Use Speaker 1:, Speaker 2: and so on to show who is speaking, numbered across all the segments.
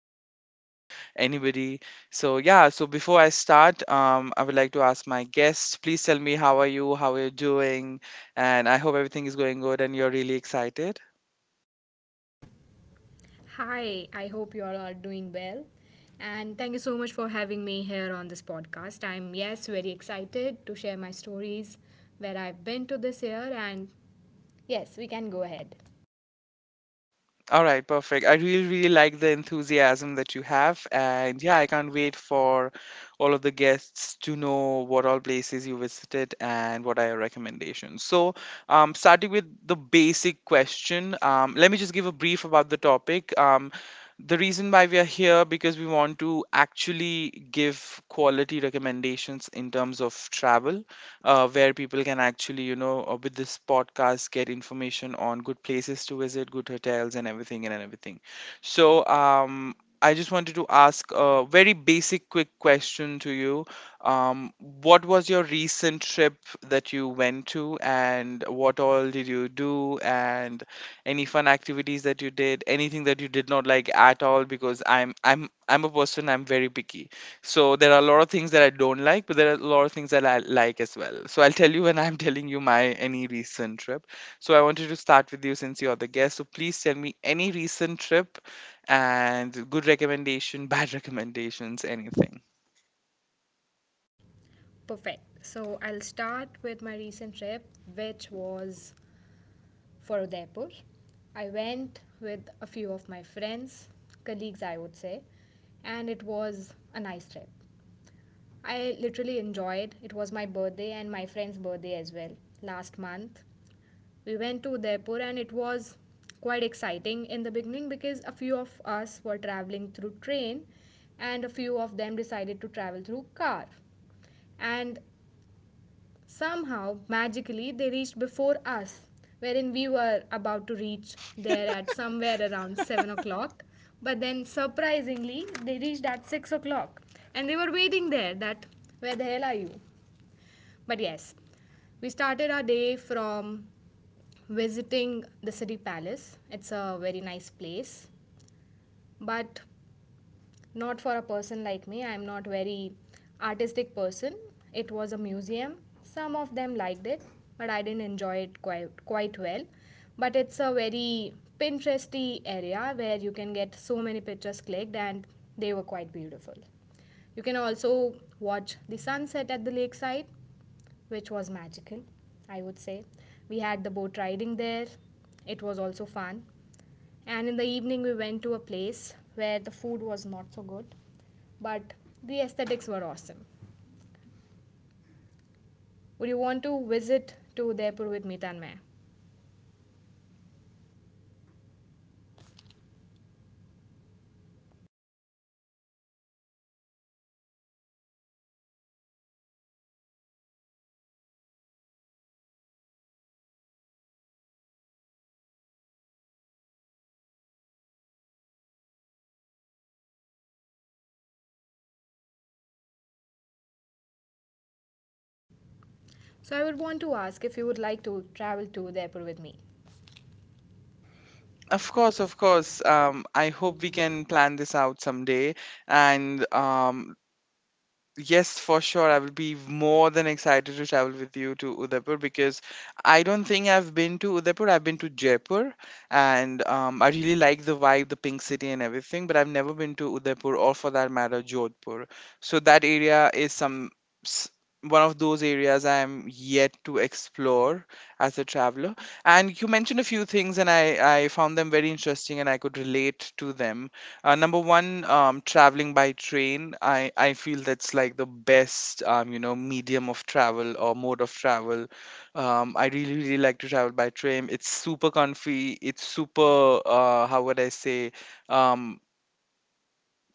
Speaker 1: recommend to anybody. So yeah. So before I start, I would like to ask my guest. Please tell me, how are you? How are you doing? And I hope everything is going good and you're really excited.
Speaker 2: Hi, I hope you all are doing well. And thank you so much for having me here on this podcast. I'm, yes, very excited to share my stories where I've been to this year. And yes, we can go ahead.
Speaker 1: All right, perfect. I really, really like the enthusiasm that you have. And yeah, I can't wait for all of the guests to know what all places you visited and what are your recommendations. So, starting with the basic question, let me just give a brief about the topic. The reason why we are here because we want to actually give quality recommendations in terms of travel, where people can actually, with this podcast, get information on good places to visit, good hotels, and everything and everything. So, I just wanted to ask a very basic, quick question to you. What was your recent trip that you went to, and what all did you do, and any fun activities that you did, anything that you did not like at all? Because I'm a person, I'm very picky. So there are a lot of things that I don't like, but there are a lot of things that I like as well. So I'll tell you when I'm telling you my any recent trip. So I wanted to start with you since you're the guest. So please tell me any recent trip and good recommendation, bad recommendations, anything.
Speaker 2: Perfect. So I'll start with my recent trip, which was for Udaipur. I went with a few of my friends, colleagues, I would say, and it was a nice trip. I literally enjoyed. It was my birthday and my friend's birthday as well last month. We went to Udaipur and it was quite exciting in the beginning because a few of us were traveling through train and a few of them decided to travel through car. And somehow, magically, they reached before us, wherein we were about to reach there at somewhere around 7 o'clock. But then, surprisingly, they reached at 6 o'clock and they were waiting there that, where the hell are you? But yes, we started our day from visiting the city palace. It's a very nice place, but not for a person like me. I'm not very artistic person. It was a museum. Some of them liked it, but I didn't enjoy it quite well. But it's a very Pinteresty area where you can get so many pictures clicked, and they were quite beautiful. You can also watch the sunset at the lakeside which was magical, I would say. We had the boat riding there, it was also fun. And in the evening, we went to a place where the food was not so good, but the aesthetics were awesome. Would you want to visit to Udaipur with me, Tanmay? So I would want to ask if you would like to travel to Udaipur with me.
Speaker 1: Of course, of course. I hope we can plan this out someday. And Yes, for sure. I will be more than excited to travel with you to Udaipur because I don't think I've been to Udaipur. I've been to Jaipur and I really like the vibe, the pink city and everything, but I've never been to Udaipur or, for that matter, Jodhpur. So that area is s- one of those areas I am yet to explore as a traveler. And you mentioned a few things and I found them very interesting and I could relate to them. Number one, traveling by train. I feel that's like the best, medium of travel or mode of travel. I really, really like to travel by train. It's super comfy. It's super, how would I say, um,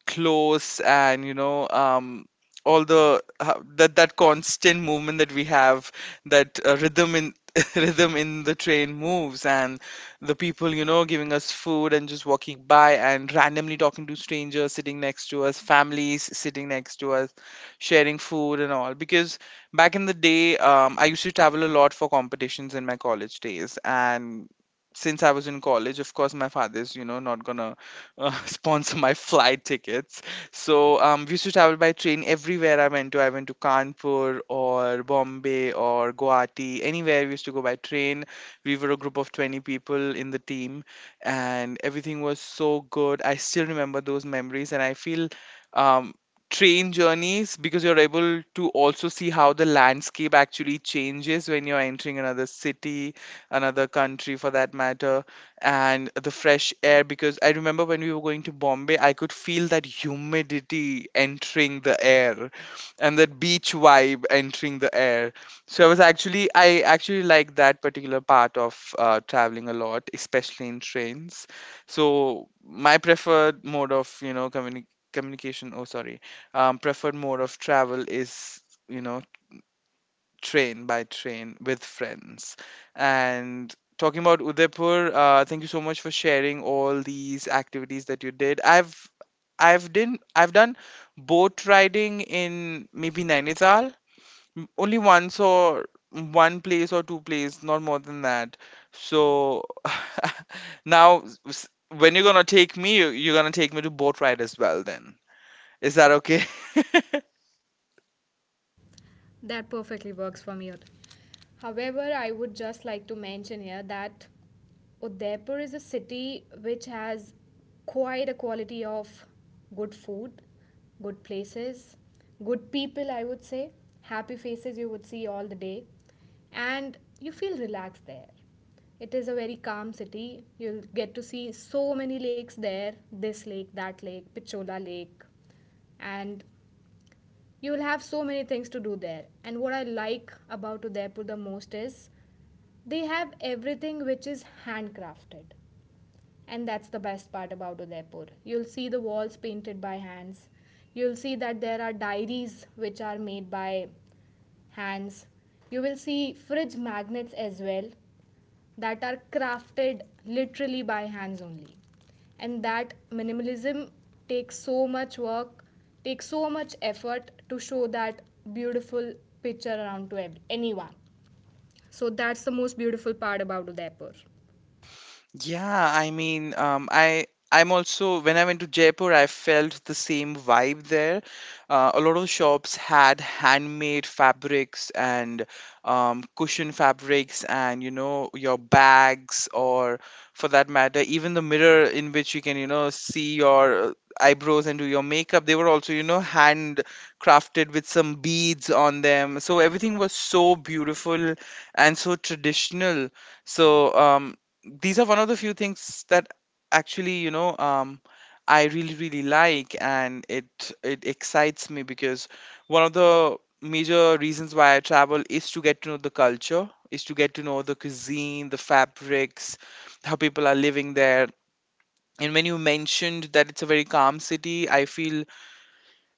Speaker 1: close, and all the that constant movement that we have, that rhythm in rhythm in the train moves, and the people giving us food and just walking by and randomly talking to strangers sitting next to us, families sitting next to us sharing food and all. Because back in the day, I used to travel a lot for competitions in my college days. And since I was in college, of course my father's not gonna sponsor my flight tickets. So we used to travel by train everywhere I went to. I went to Kanpur or Bombay or Guwahati. Anywhere we used to go by train. We were a group of 20 people in the team, and everything was so good. I still remember those memories, and I feel. Um, train journeys, because you're able to also see how the landscape actually changes when you're entering another city, another country for that matter, and the fresh air. Because I remember when we were going to Bombay, I could feel that humidity entering the air and that beach vibe entering the air. So I was actually, I actually like that particular part of traveling a lot, especially in trains. So my preferred mode of, communication, oh, sorry, preferred mode of travel is. You know, train by train with friends. And talking about Udaipur, thank you so much for sharing all these activities that you did. I've done boat riding in maybe Nainital, only once, or one place or two place, not more than that. So now s- when you're gonna take me, you're gonna take me to boat ride as well then. Is that okay?
Speaker 2: That perfectly works for me. However, I would just like to mention here that Udaipur is a city which has quite a quality of good food, good places, good people, I would say, happy faces you would see all the day, and you feel relaxed there. It is a very calm city. You'll get to see so many lakes there, this lake, that lake, Pichola Lake, and you will have so many things to do there. And what I like about Udaipur the most is they have everything which is handcrafted, and that's the best part about Udaipur. You'll see the walls painted by hands. You'll see that there are diaries which are made by hands. You will see fridge magnets as well that are crafted literally by hands only. And that minimalism takes so much work, takes so much effort to show that beautiful picture around to anyone. So that's the most beautiful part about Udaipur.
Speaker 1: Yeah, I mean, I'm also, when I went to Jaipur, I felt the same vibe there. A lot of shops had handmade fabrics and cushion fabrics, and your bags, or for that matter, even the mirror in which you can see your eyebrows and do your makeup. They were also hand crafted with some beads on them. So everything was so beautiful and so traditional. So these are one of the few things that actually you know I really really like, and it excites me because one of the major reasons why I travel is to get to know the culture, is to get to know the cuisine, the fabrics, how people are living there. And when you mentioned that it's a very calm city, I feel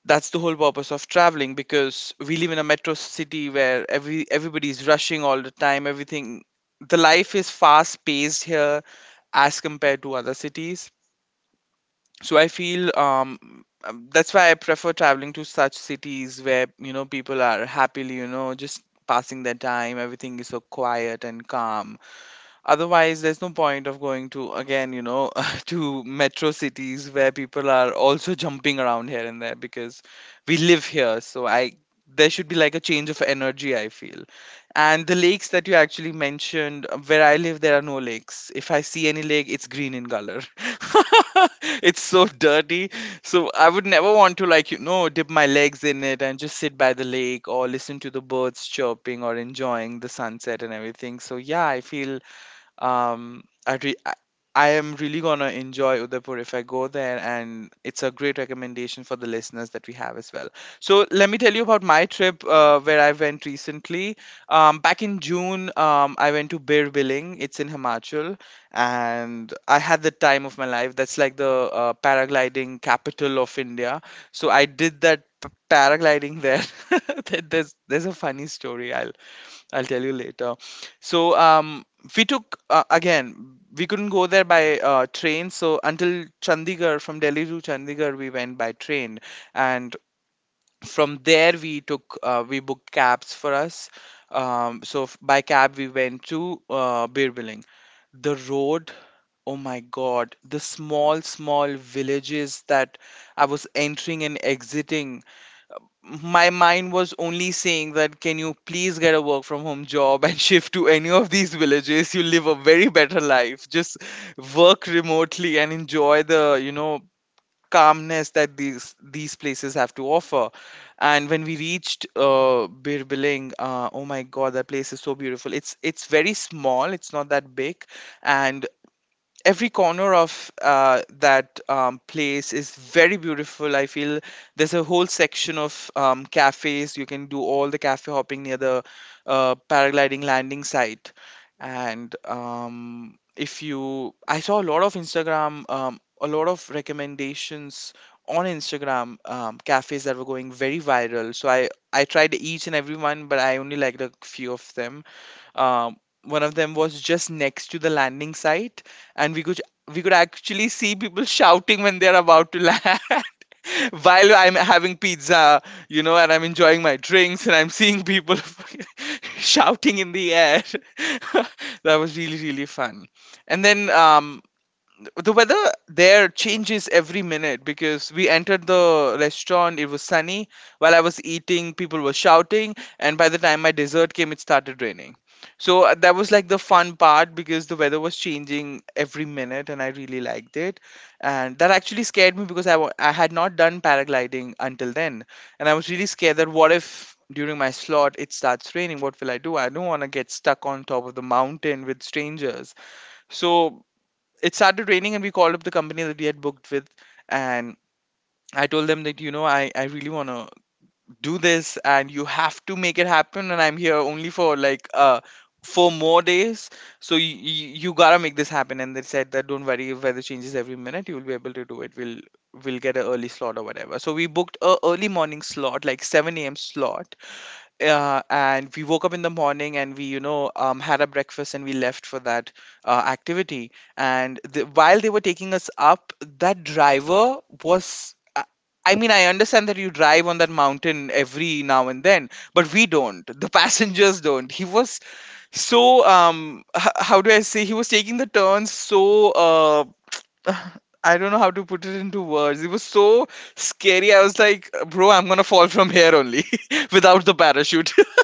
Speaker 1: that's the whole purpose of traveling, because we live in a metro city where everybody's rushing all the time, everything, the life is fast paced here as compared to other cities. So I feel that's why I prefer traveling to such cities where people are happily just passing their time. Everything is so quiet and calm. Otherwise there's no point of going to again to metro cities where people are also jumping around here and there, because we live here. So I there should be like a change of energy, I feel. And the lakes that you actually mentioned, where I live, there are no lakes. If I see any lake, it's green in color. It's so dirty. So I would never want to, like, dip my legs in it and just sit by the lake or listen to the birds chirping or enjoying the sunset and everything. So yeah, I feel I re- I am really gonna enjoy Udaipur if I go there, and it's a great recommendation for the listeners that we have as well. So let me tell you about my trip where I went recently. Back in June, I went to Bir Billing. It's in Himachal, and I had the time of my life. That's like the paragliding capital of India. So I did that paragliding there. There's There's a funny story. I'll tell you later. So we took again, we couldn't go there by train, so until Chandigarh, from Delhi to Chandigarh, we went by train, and from there we took we booked cabs for us. By cab we went to Birbiling. The road, oh my God, the small small villages that I was entering and exiting, my mind was only saying that, can you please get a work from home job and shift to any of these villages? You live a very better life. Just work remotely and enjoy the calmness that these places have to offer. And when we reached Birbiling, oh my god, that place is so beautiful. It's very small, it's not that big, and every corner of that place is very beautiful, I feel. There's a whole section of cafes. You can do all the cafe hopping near the paragliding landing site. And if you, I saw a lot of Instagram, a lot of recommendations on Instagram, cafes that were going very viral. So I tried each and every one, but I only liked a few of them. Um, One of them was just next to the landing site, and we could actually see people shouting when they're about to land. While I'm having pizza, you know, and I'm enjoying my drinks, and I'm seeing people shouting in the air. That was really really fun. And then the weather there changes every minute. Because we entered the restaurant it was sunny, while I was eating people were shouting, and by the time my dessert came it started raining. So that was like the fun part because the weather was changing every minute and I really liked it. And that actually scared me because I had not done paragliding until then. And I was really scared that, what if during my slot it starts raining, what will I do? I don't want to get stuck on top of the mountain with strangers. So it started raining and we called up the company that we had booked with. And I told them that, you know, I really want to do this and you have to make it happen, and I'm here only for like 4 more days. So you gotta make this happen. And they said that, don't worry, if weather changes every minute you will be able to do it, we'll get an early slot or whatever. So we booked a early morning slot, like 7 a.m. slot. And we woke up in the morning and we, you know, had a breakfast and we left for that activity. And while they were taking us up, that driver was, I mean, I understand that you drive on that mountain every now and then, but we don't. The passengers don't. He was so how do I say? He was taking the turns so I don't know how to put it into words. It was so scary. I was like, bro, I'm gonna fall from here only without the parachute.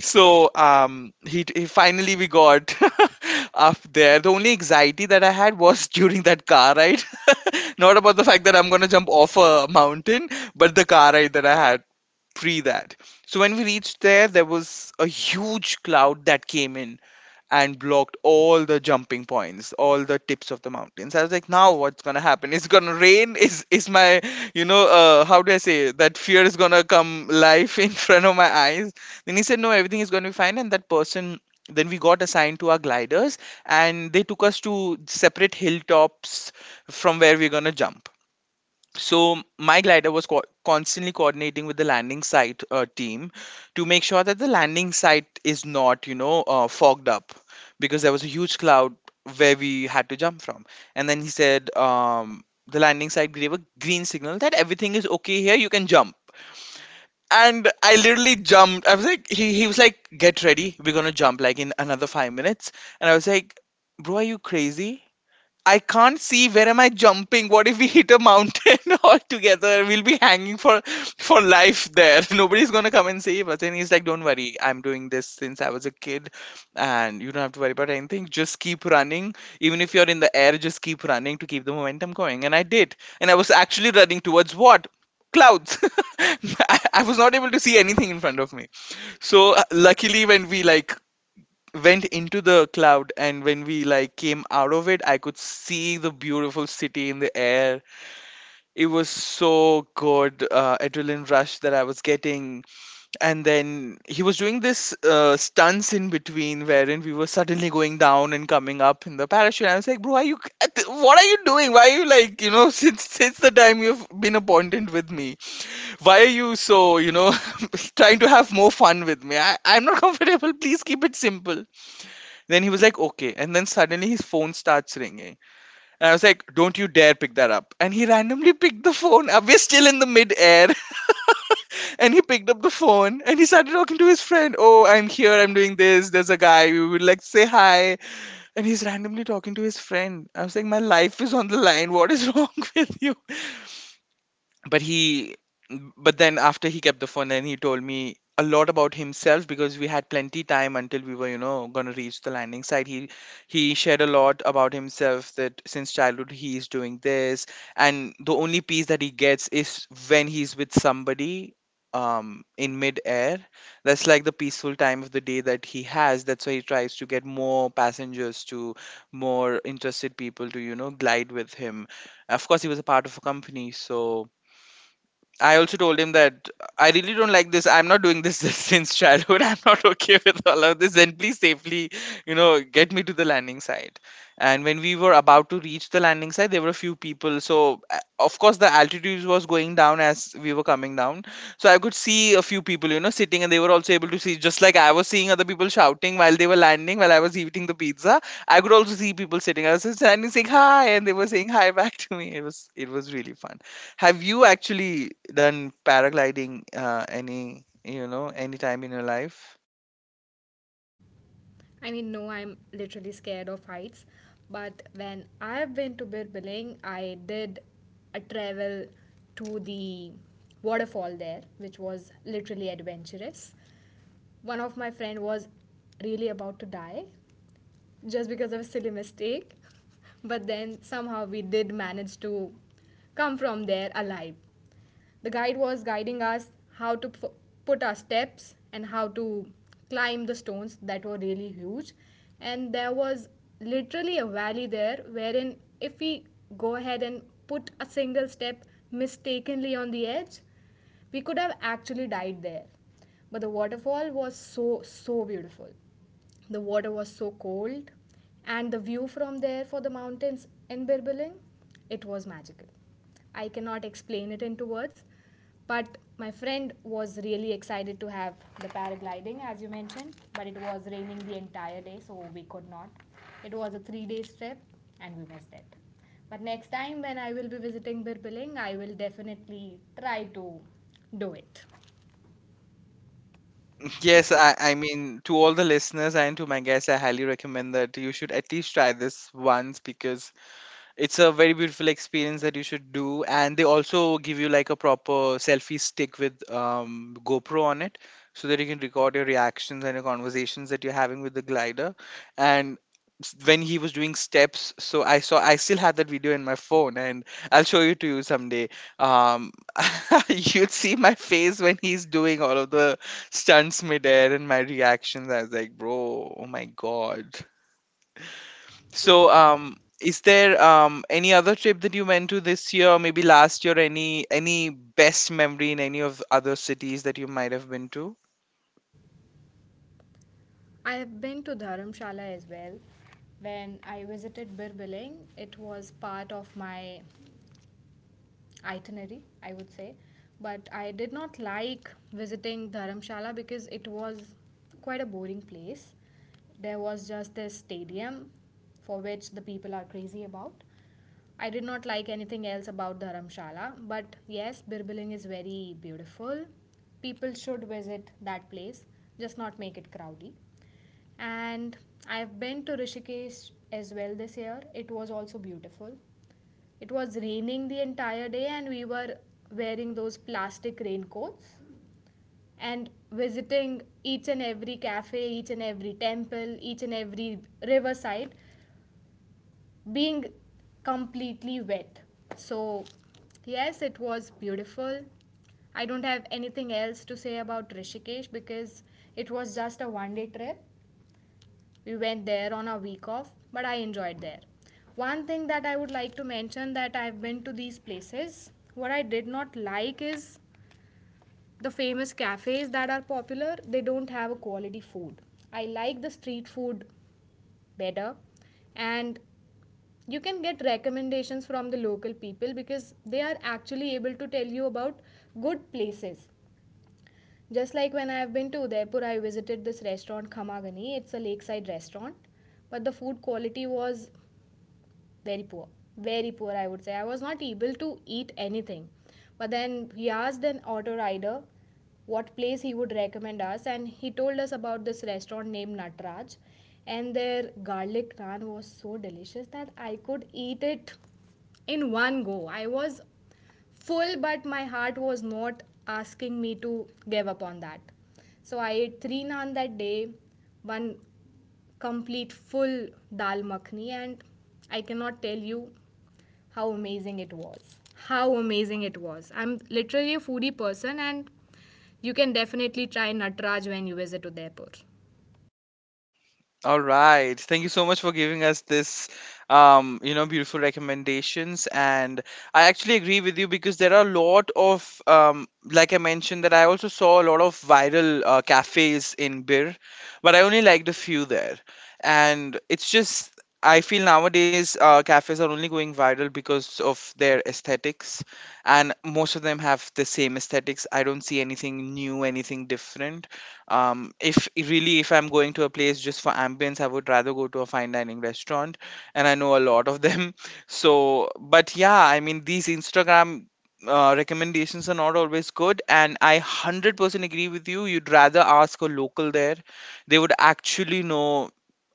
Speaker 1: So he finally, we got up there. The only anxiety that I had was during that car ride, not about the fact that I'm gonna jump off a mountain, but the car ride that I had pre that. So when we reached there, there was a huge cloud that came in and blocked all the jumping points, all the tips of the mountains. I was like, now what's gonna happen? It's gonna rain. Is my, you know, how do I say it, that fear is gonna come life in front of my eyes? Then he said, no, everything is gonna be fine. And that person, then we got assigned to our gliders and they took us to separate hilltops from where we're gonna jump. So my glider was constantly coordinating with the landing site team, to make sure that the landing site is not, you know, fogged up, because there was a huge cloud where we had to jump from. And then he said, the landing site gave a green signal that everything is okay here, you can jump. And I literally jumped. I was like, he was like, get ready, we're gonna jump like in another 5 minutes. And I was like, bro, are you crazy? I can't see where am I jumping. What if we hit a mountain all together? We'll be hanging for life there. Nobody's gonna come and save us. And he's like, don't worry, I'm doing this since I was a kid and you don't have to worry about anything. Just keep running. Even if you're in the air, just keep running to keep the momentum going. And I did. And I was actually running towards what? Clouds. I was not able to see anything in front of me. So luckily when we like went into the cloud and when we like came out of it, I could see the beautiful city in the air. It was so good. Adrenaline rush that I was getting. And then he was doing this stunts in between, wherein we were suddenly going down and coming up in the parachute. I was like, bro, are you, what are you doing, why are you like, you know, since the time you've been appointed with me, why are you so, you know, trying to have more fun with me? I'm not comfortable, please keep it simple. Then he was like, okay. And then suddenly his phone starts ringing. And I was like, don't you dare pick that up. And he randomly picked the phone. We're still in the mid air. And he picked up the phone and he started talking to his friend. Oh, I'm here, I'm doing this, there's a guy, we would like to say hi. And he's randomly talking to his friend. I was like, my life is on the line. What is wrong with you? But he, but then after he kept the phone, and he told me a lot about himself, because we had plenty time until we were, you know, going to reach the landing site. He shared a lot about himself, that since childhood he is doing this, and the only peace that he gets is when he's with somebody in mid air. That's like the peaceful time of the day that he has, that's why he tries to get more passengers to, more interested people to, you know, glide with him. Of course he was a part of a company. So I also told him that I really don't like this, I'm not doing this since childhood, I'm not okay with all of this. Then please safely, you know, get me to the landing site. And when we were about to reach the landing site, there were a few people. So of course the altitude was going down as we were coming down. So I could see a few people, you know, sitting, and they were also able to see, just like I was seeing other people shouting while they were landing, while I was eating the pizza. I could also see people sitting. I was just standing saying hi, and they were saying hi back to me. It was really fun. Have you actually done paragliding any, you know, any time in your life?
Speaker 2: I mean, no, I'm literally scared of heights. But when I've been to Birbiling, I did a travel to the waterfall there, which was literally adventurous. One of my friend was really about to die just because of a silly mistake. But then somehow we did manage to come from there alive. The guide was guiding us how to put our steps and how to climb the stones that were really huge. And there was literally a valley there wherein if we go ahead and put a single step mistakenly on the edge, we could have actually died there. But the waterfall was so, so beautiful. The water was so cold, and the view from there for the mountains in Birbiling, it was magical. I cannot explain it into words, but my friend was really excited to have the paragliding, as you mentioned, but it was raining the entire day, so we could not. It was a 3 days trip, and we missed it. But next time when I will be visiting Birbiling, I will definitely try to do it.
Speaker 1: Yes, I mean, to all the listeners and to my guests, I highly recommend that you should at least try this once, because it's a very beautiful experience that you should do. And they also give you like a proper selfie stick with GoPro on it, so that you can record your reactions and your conversations that you're having with the glider. And when he was doing steps, so I saw, I still had that video in my phone, and I'll show you to you someday. um, you'd see my face when he's doing all of the stunts midair and my reactions, I was like, bro, oh my god.
Speaker 2: So,
Speaker 1: So, is there any other trip that you went to this year, or maybe last year? Any best memory in any of other cities that you might have been to?
Speaker 2: I have been to Dharamshala as well. When I visited Birbiling, it was part of my itinerary, I would say. But I did not like visiting Dharamshala because it was quite a boring place. There was just this stadium for which the people are crazy about. I did not like anything else about Dharamshala, but yes, Birbiling is very beautiful. People should visit that place, just not make it crowdy. And I've been to Rishikesh as well this year. It was also beautiful. It was raining the entire day, and we were wearing those plastic raincoats and visiting each and every cafe, each and every temple, each and every riverside, being completely wet. So, yes, it was beautiful. I don't have anything else to say about Rishikesh because it was just a one day trip, we went there on a week off, but I enjoyed there. One thing that I would like to mention that I've been to these places, what I did not like is the famous cafes that are popular, they don't have a quality food. I like the street food better, and you can get recommendations from the local people because they are actually able to tell you about good places, just like when I have been to Udaipur, I visited this restaurant Khamagani. It's a lakeside restaurant, but the food quality was very poor, very poor I would say. I was not able to eat anything, but then we asked an auto rider what place he would recommend us, and he told us about this restaurant named Nataraj, and their garlic naan was so delicious that I could eat it in one go. I was full, but my heart was not asking me to give up on that. So I ate three naan that day, one complete full dal makhni, and I cannot tell you how amazing it was. How amazing it was. I'm literally a foodie person, and you can definitely try Natraj when you visit Udaipur.
Speaker 1: All right, thank you so much for giving us this, you know, beautiful recommendations. And I actually agree with you, because there are a lot of, like I mentioned, that I also saw a lot of viral cafes in Bir, but I only liked a few there. And it's just, I feel nowadays cafes are only going viral because of their aesthetics, and most of them have the same aesthetics. I don't see anything new, anything different. If really, if I'm going to a place just for ambience, I would rather go to a fine dining restaurant, and I know a lot of them. so but yeah, I mean, these Instagram recommendations are not always good, and I 100% agree with you, you'd rather ask a local there. They would actually know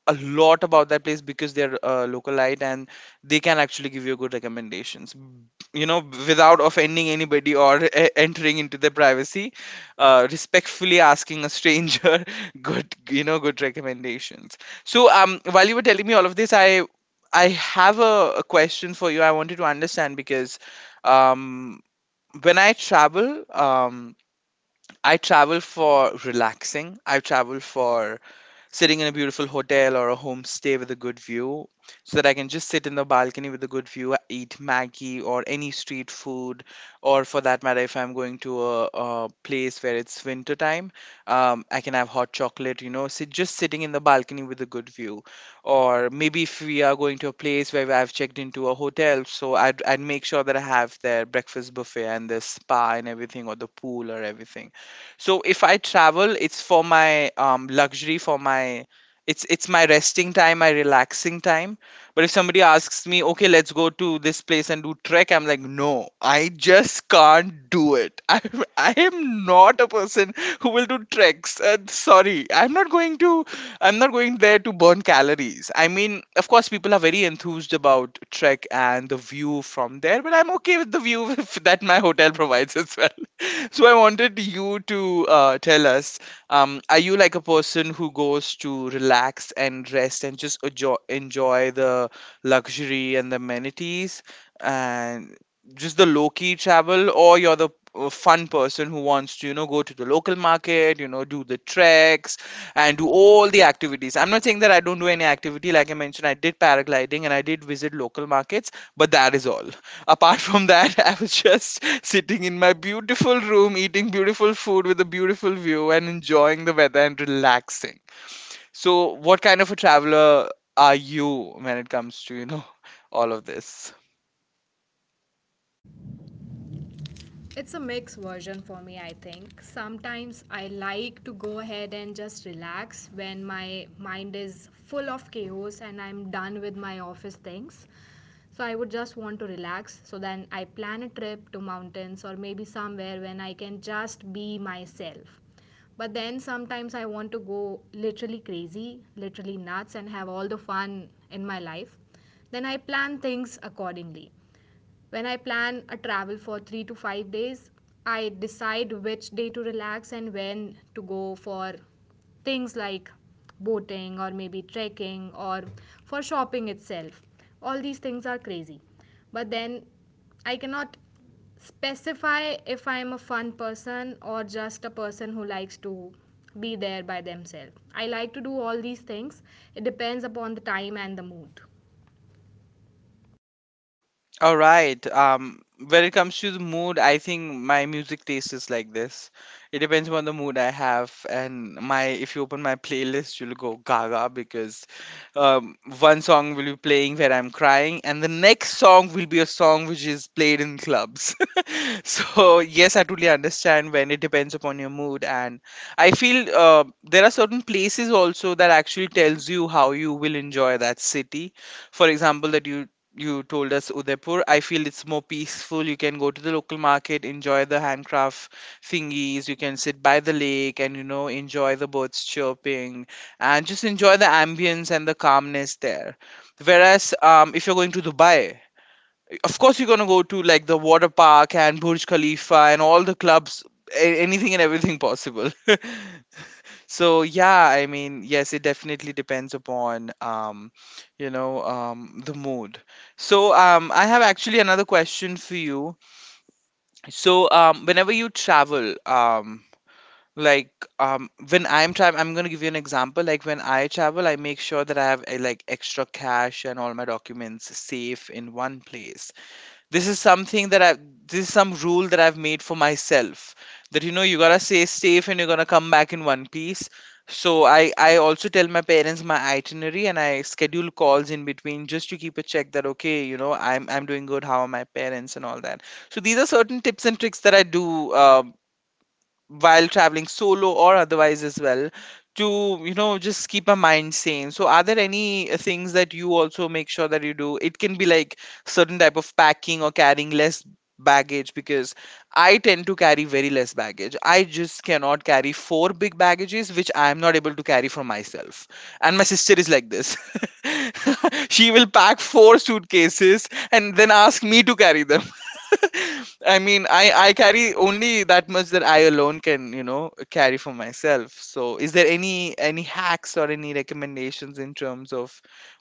Speaker 1: a lot about that place because they're localite. And they can actually give you good recommendations. You know, without offending anybody, or entering into their privacy, respectfully asking a stranger good, you know, good recommendations. So while you were telling me all of this, I have a question for you. I wanted to understand, because um when I travel, I travel for relaxing. I travel for sitting in a beautiful hotel or a homestay with a good view, so that I can just sit in the balcony with a good view, eat Maggie or any street food. Or for that matter, if I'm going to a place where it's winter time, I can have hot chocolate, you know, sit, just sitting in the balcony with a good view. Or maybe if we are going to a place where I've checked into a hotel, so I'd make sure that I have their breakfast buffet and the spa and everything, or the pool or everything. So if I travel, it's for my luxury, for my, it's my resting time, my relaxing time. But if somebody asks me, okay, let's go to this place and do trek, I'm like, no, I just can't do it. I am not a person who will do treks. Sorry, I'm not going to I'm not going there to burn calories. I mean, of course, people are very enthused about trek and the view from there, but I'm okay with the view if that my hotel provides as well. So I wanted you to tell us, are you like a person who goes to relax and rest and just enjoy, enjoy the luxury and the amenities and just the low key travel, or you're the fun person who wants to, you know, go to the local market, you know, do the treks and do all the activities? I'm not saying that I don't do any activity. Like I mentioned, I did paragliding and I did visit local markets, but that is all. Apart from that, I was just sitting in my beautiful room, eating beautiful food with a beautiful view and enjoying the weather and relaxing. So, what kind of a traveler are you when it comes to, you know, all of this?
Speaker 2: It's a mixed version for me, I think. Sometimes I like to go ahead and just relax when my mind is full of chaos and I'm done with my office things. So I would just want to relax. So then I plan a trip to mountains or maybe somewhere when I can just be myself. But then sometimes I want to go literally crazy, literally nuts, and have all the fun in my life. Then I plan things accordingly. When I plan a travel for 3 to 5 days, I decide which day to relax and when to go for things like boating or maybe trekking or for shopping itself. All these things are crazy. But then I cannot specify if I'm a fun person or just a person who likes to be there by themselves. I like to do all these things. It depends upon the time and the mood.
Speaker 1: All right. When it comes to the mood, I think my music taste is like this. It depends upon the mood I have, and my if you open my playlist, you'll go gaga because um, one song will be playing where I'm crying, and the next song will be a song which is played in clubs. So yes, I totally understand when it depends upon your mood. And I feel there are certain places also that actually tells you how you will enjoy that city. For example, that you told us Udaipur, I feel it's more peaceful. You can go to the local market, enjoy the handcraft thingies, you can sit by the lake and, you know, enjoy the birds chirping and just enjoy the ambience and the calmness there. Whereas if you're going to Dubai, of course you're going to go to like the water park and Burj Khalifa and all the clubs, anything and everything possible. So yeah, I mean, yes, it definitely depends upon, you know, the mood. So I have actually another question for you. So whenever you travel, like um when I'm traveling, I'm going to give you an example. Like when I travel, I make sure that I have like extra cash and all my documents safe in one place. This is something that I this is some rule that I've made for myself, that, you know, you gotta stay safe and you're gonna come back in one piece. So I also tell my parents my itinerary and I schedule calls in between just to keep a check that, okay, you know, I'm doing good, how are my parents and all that. So these are certain tips and tricks that I do while traveling solo or otherwise as well, to, you know, just keep a mind sane. So are there any things that you also make sure that you do? It can be like certain type of packing or carrying less baggage, because I tend to carry very less baggage. I just cannot carry four big baggages which I am not able to carry for myself. And my sister is like this. She will pack four suitcases and then ask me to carry them. I mean, I carry only that much that I alone can, you know, carry for myself. So, is there any hacks or any recommendations in terms of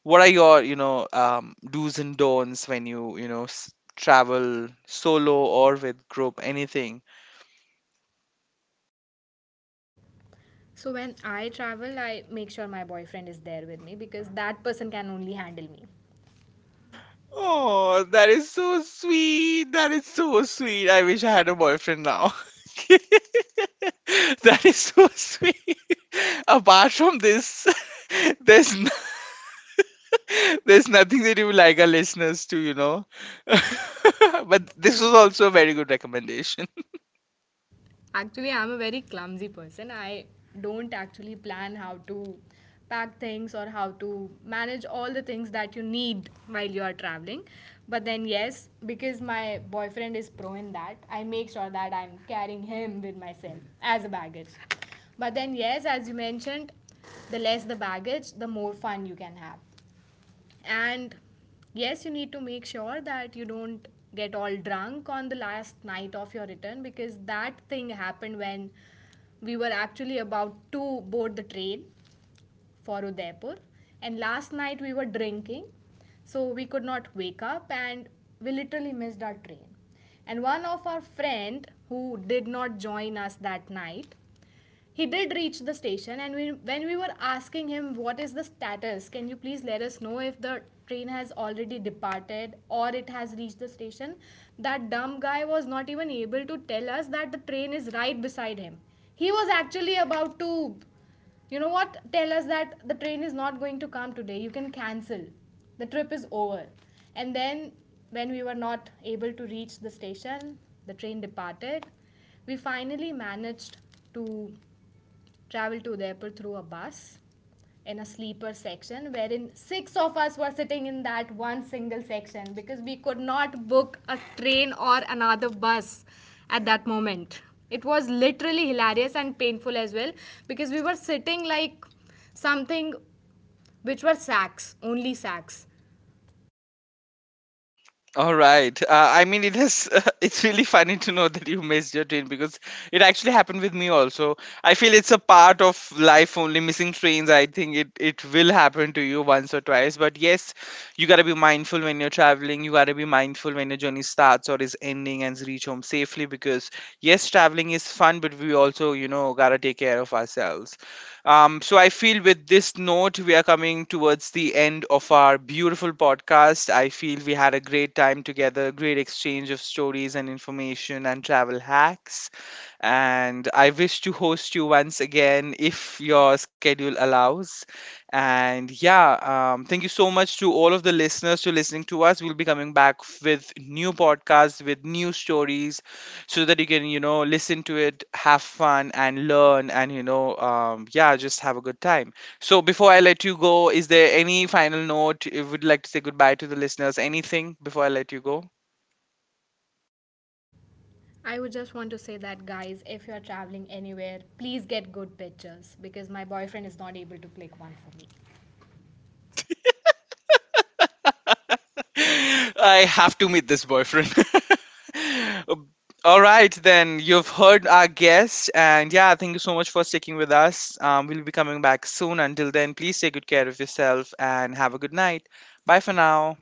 Speaker 1: what are your, you know, do's and don'ts when you know, travel solo or with group, anything?
Speaker 2: So when I travel, I make sure my boyfriend is there with me because that person can only handle me.
Speaker 1: Oh, that is so sweet. That is so sweet. I wish I had a boyfriend now. That is so sweet. Apart from this, there's no there's nothing that you would like our listeners to, you know. But this was also a very good recommendation.
Speaker 2: Actually, I'm a very clumsy person. I don't actually plan how to pack things or how to manage all the things that you need while you are traveling. But then, yes, because my boyfriend is pro in that, I make sure that I'm carrying him with myself as a baggage. But then, yes, as you mentioned, the less the baggage, the more fun you can have. And yes, you need to make sure that you don't get all drunk on the last night of your return, because that thing happened when we were actually about to board the train for Udaipur. And last night we were drinking, so we could not wake up and we literally missed our train. And one of our friend who did not join us that night, he did reach the station and we, when we were asking him what is the status, can you please let us know if the train has already departed or it has reached the station, that dumb guy was not even able to tell us that the train is right beside him. He was actually about to, you know what, tell us that the train is not going to come today, you can cancel, the trip is over. And then when we were not able to reach the station, the train departed. We finally managed to traveled to the airport through a bus, in a sleeper section wherein six of us were sitting in that one single section because we could not book a train or another bus at that moment. It was literally hilarious and painful as well, because we were sitting like something, which were sacks, only sacks.
Speaker 1: All right. I mean, it has. It's really funny to know that you missed your train, because it actually happened with me also. I feel it's a part of life only. Missing trains, I think it will happen to you once or twice. But yes, you gotta be mindful when you're traveling. You gotta be mindful when your journey starts or is ending and reach home safely, because yes, traveling is fun, but we also, you know, gotta take care of ourselves. So I feel with this note, we are coming towards the end of our beautiful podcast. I feel we had a great time together, great exchange of stories and information and travel hacks. And I wish to host you once again if your schedule allows. And yeah, thank you so much to all of the listeners to listening to us. We'll be coming back with new podcasts, with new stories, so that you can, you know, listen to it, have fun, and learn, and you know, yeah, just have a good time. So before I let you go, is there any final note you would like to say goodbye to the listeners? Anything before I let you go?
Speaker 2: I would just want to say that, guys, if you are traveling anywhere, please get good pictures, because my boyfriend is not able to click one for me.
Speaker 1: I have to meet this boyfriend. All right, then you've heard our guest, and yeah, thank you so much for sticking with us. We'll be coming back soon. Until then, please take good care of yourself and have a good night. Bye for now.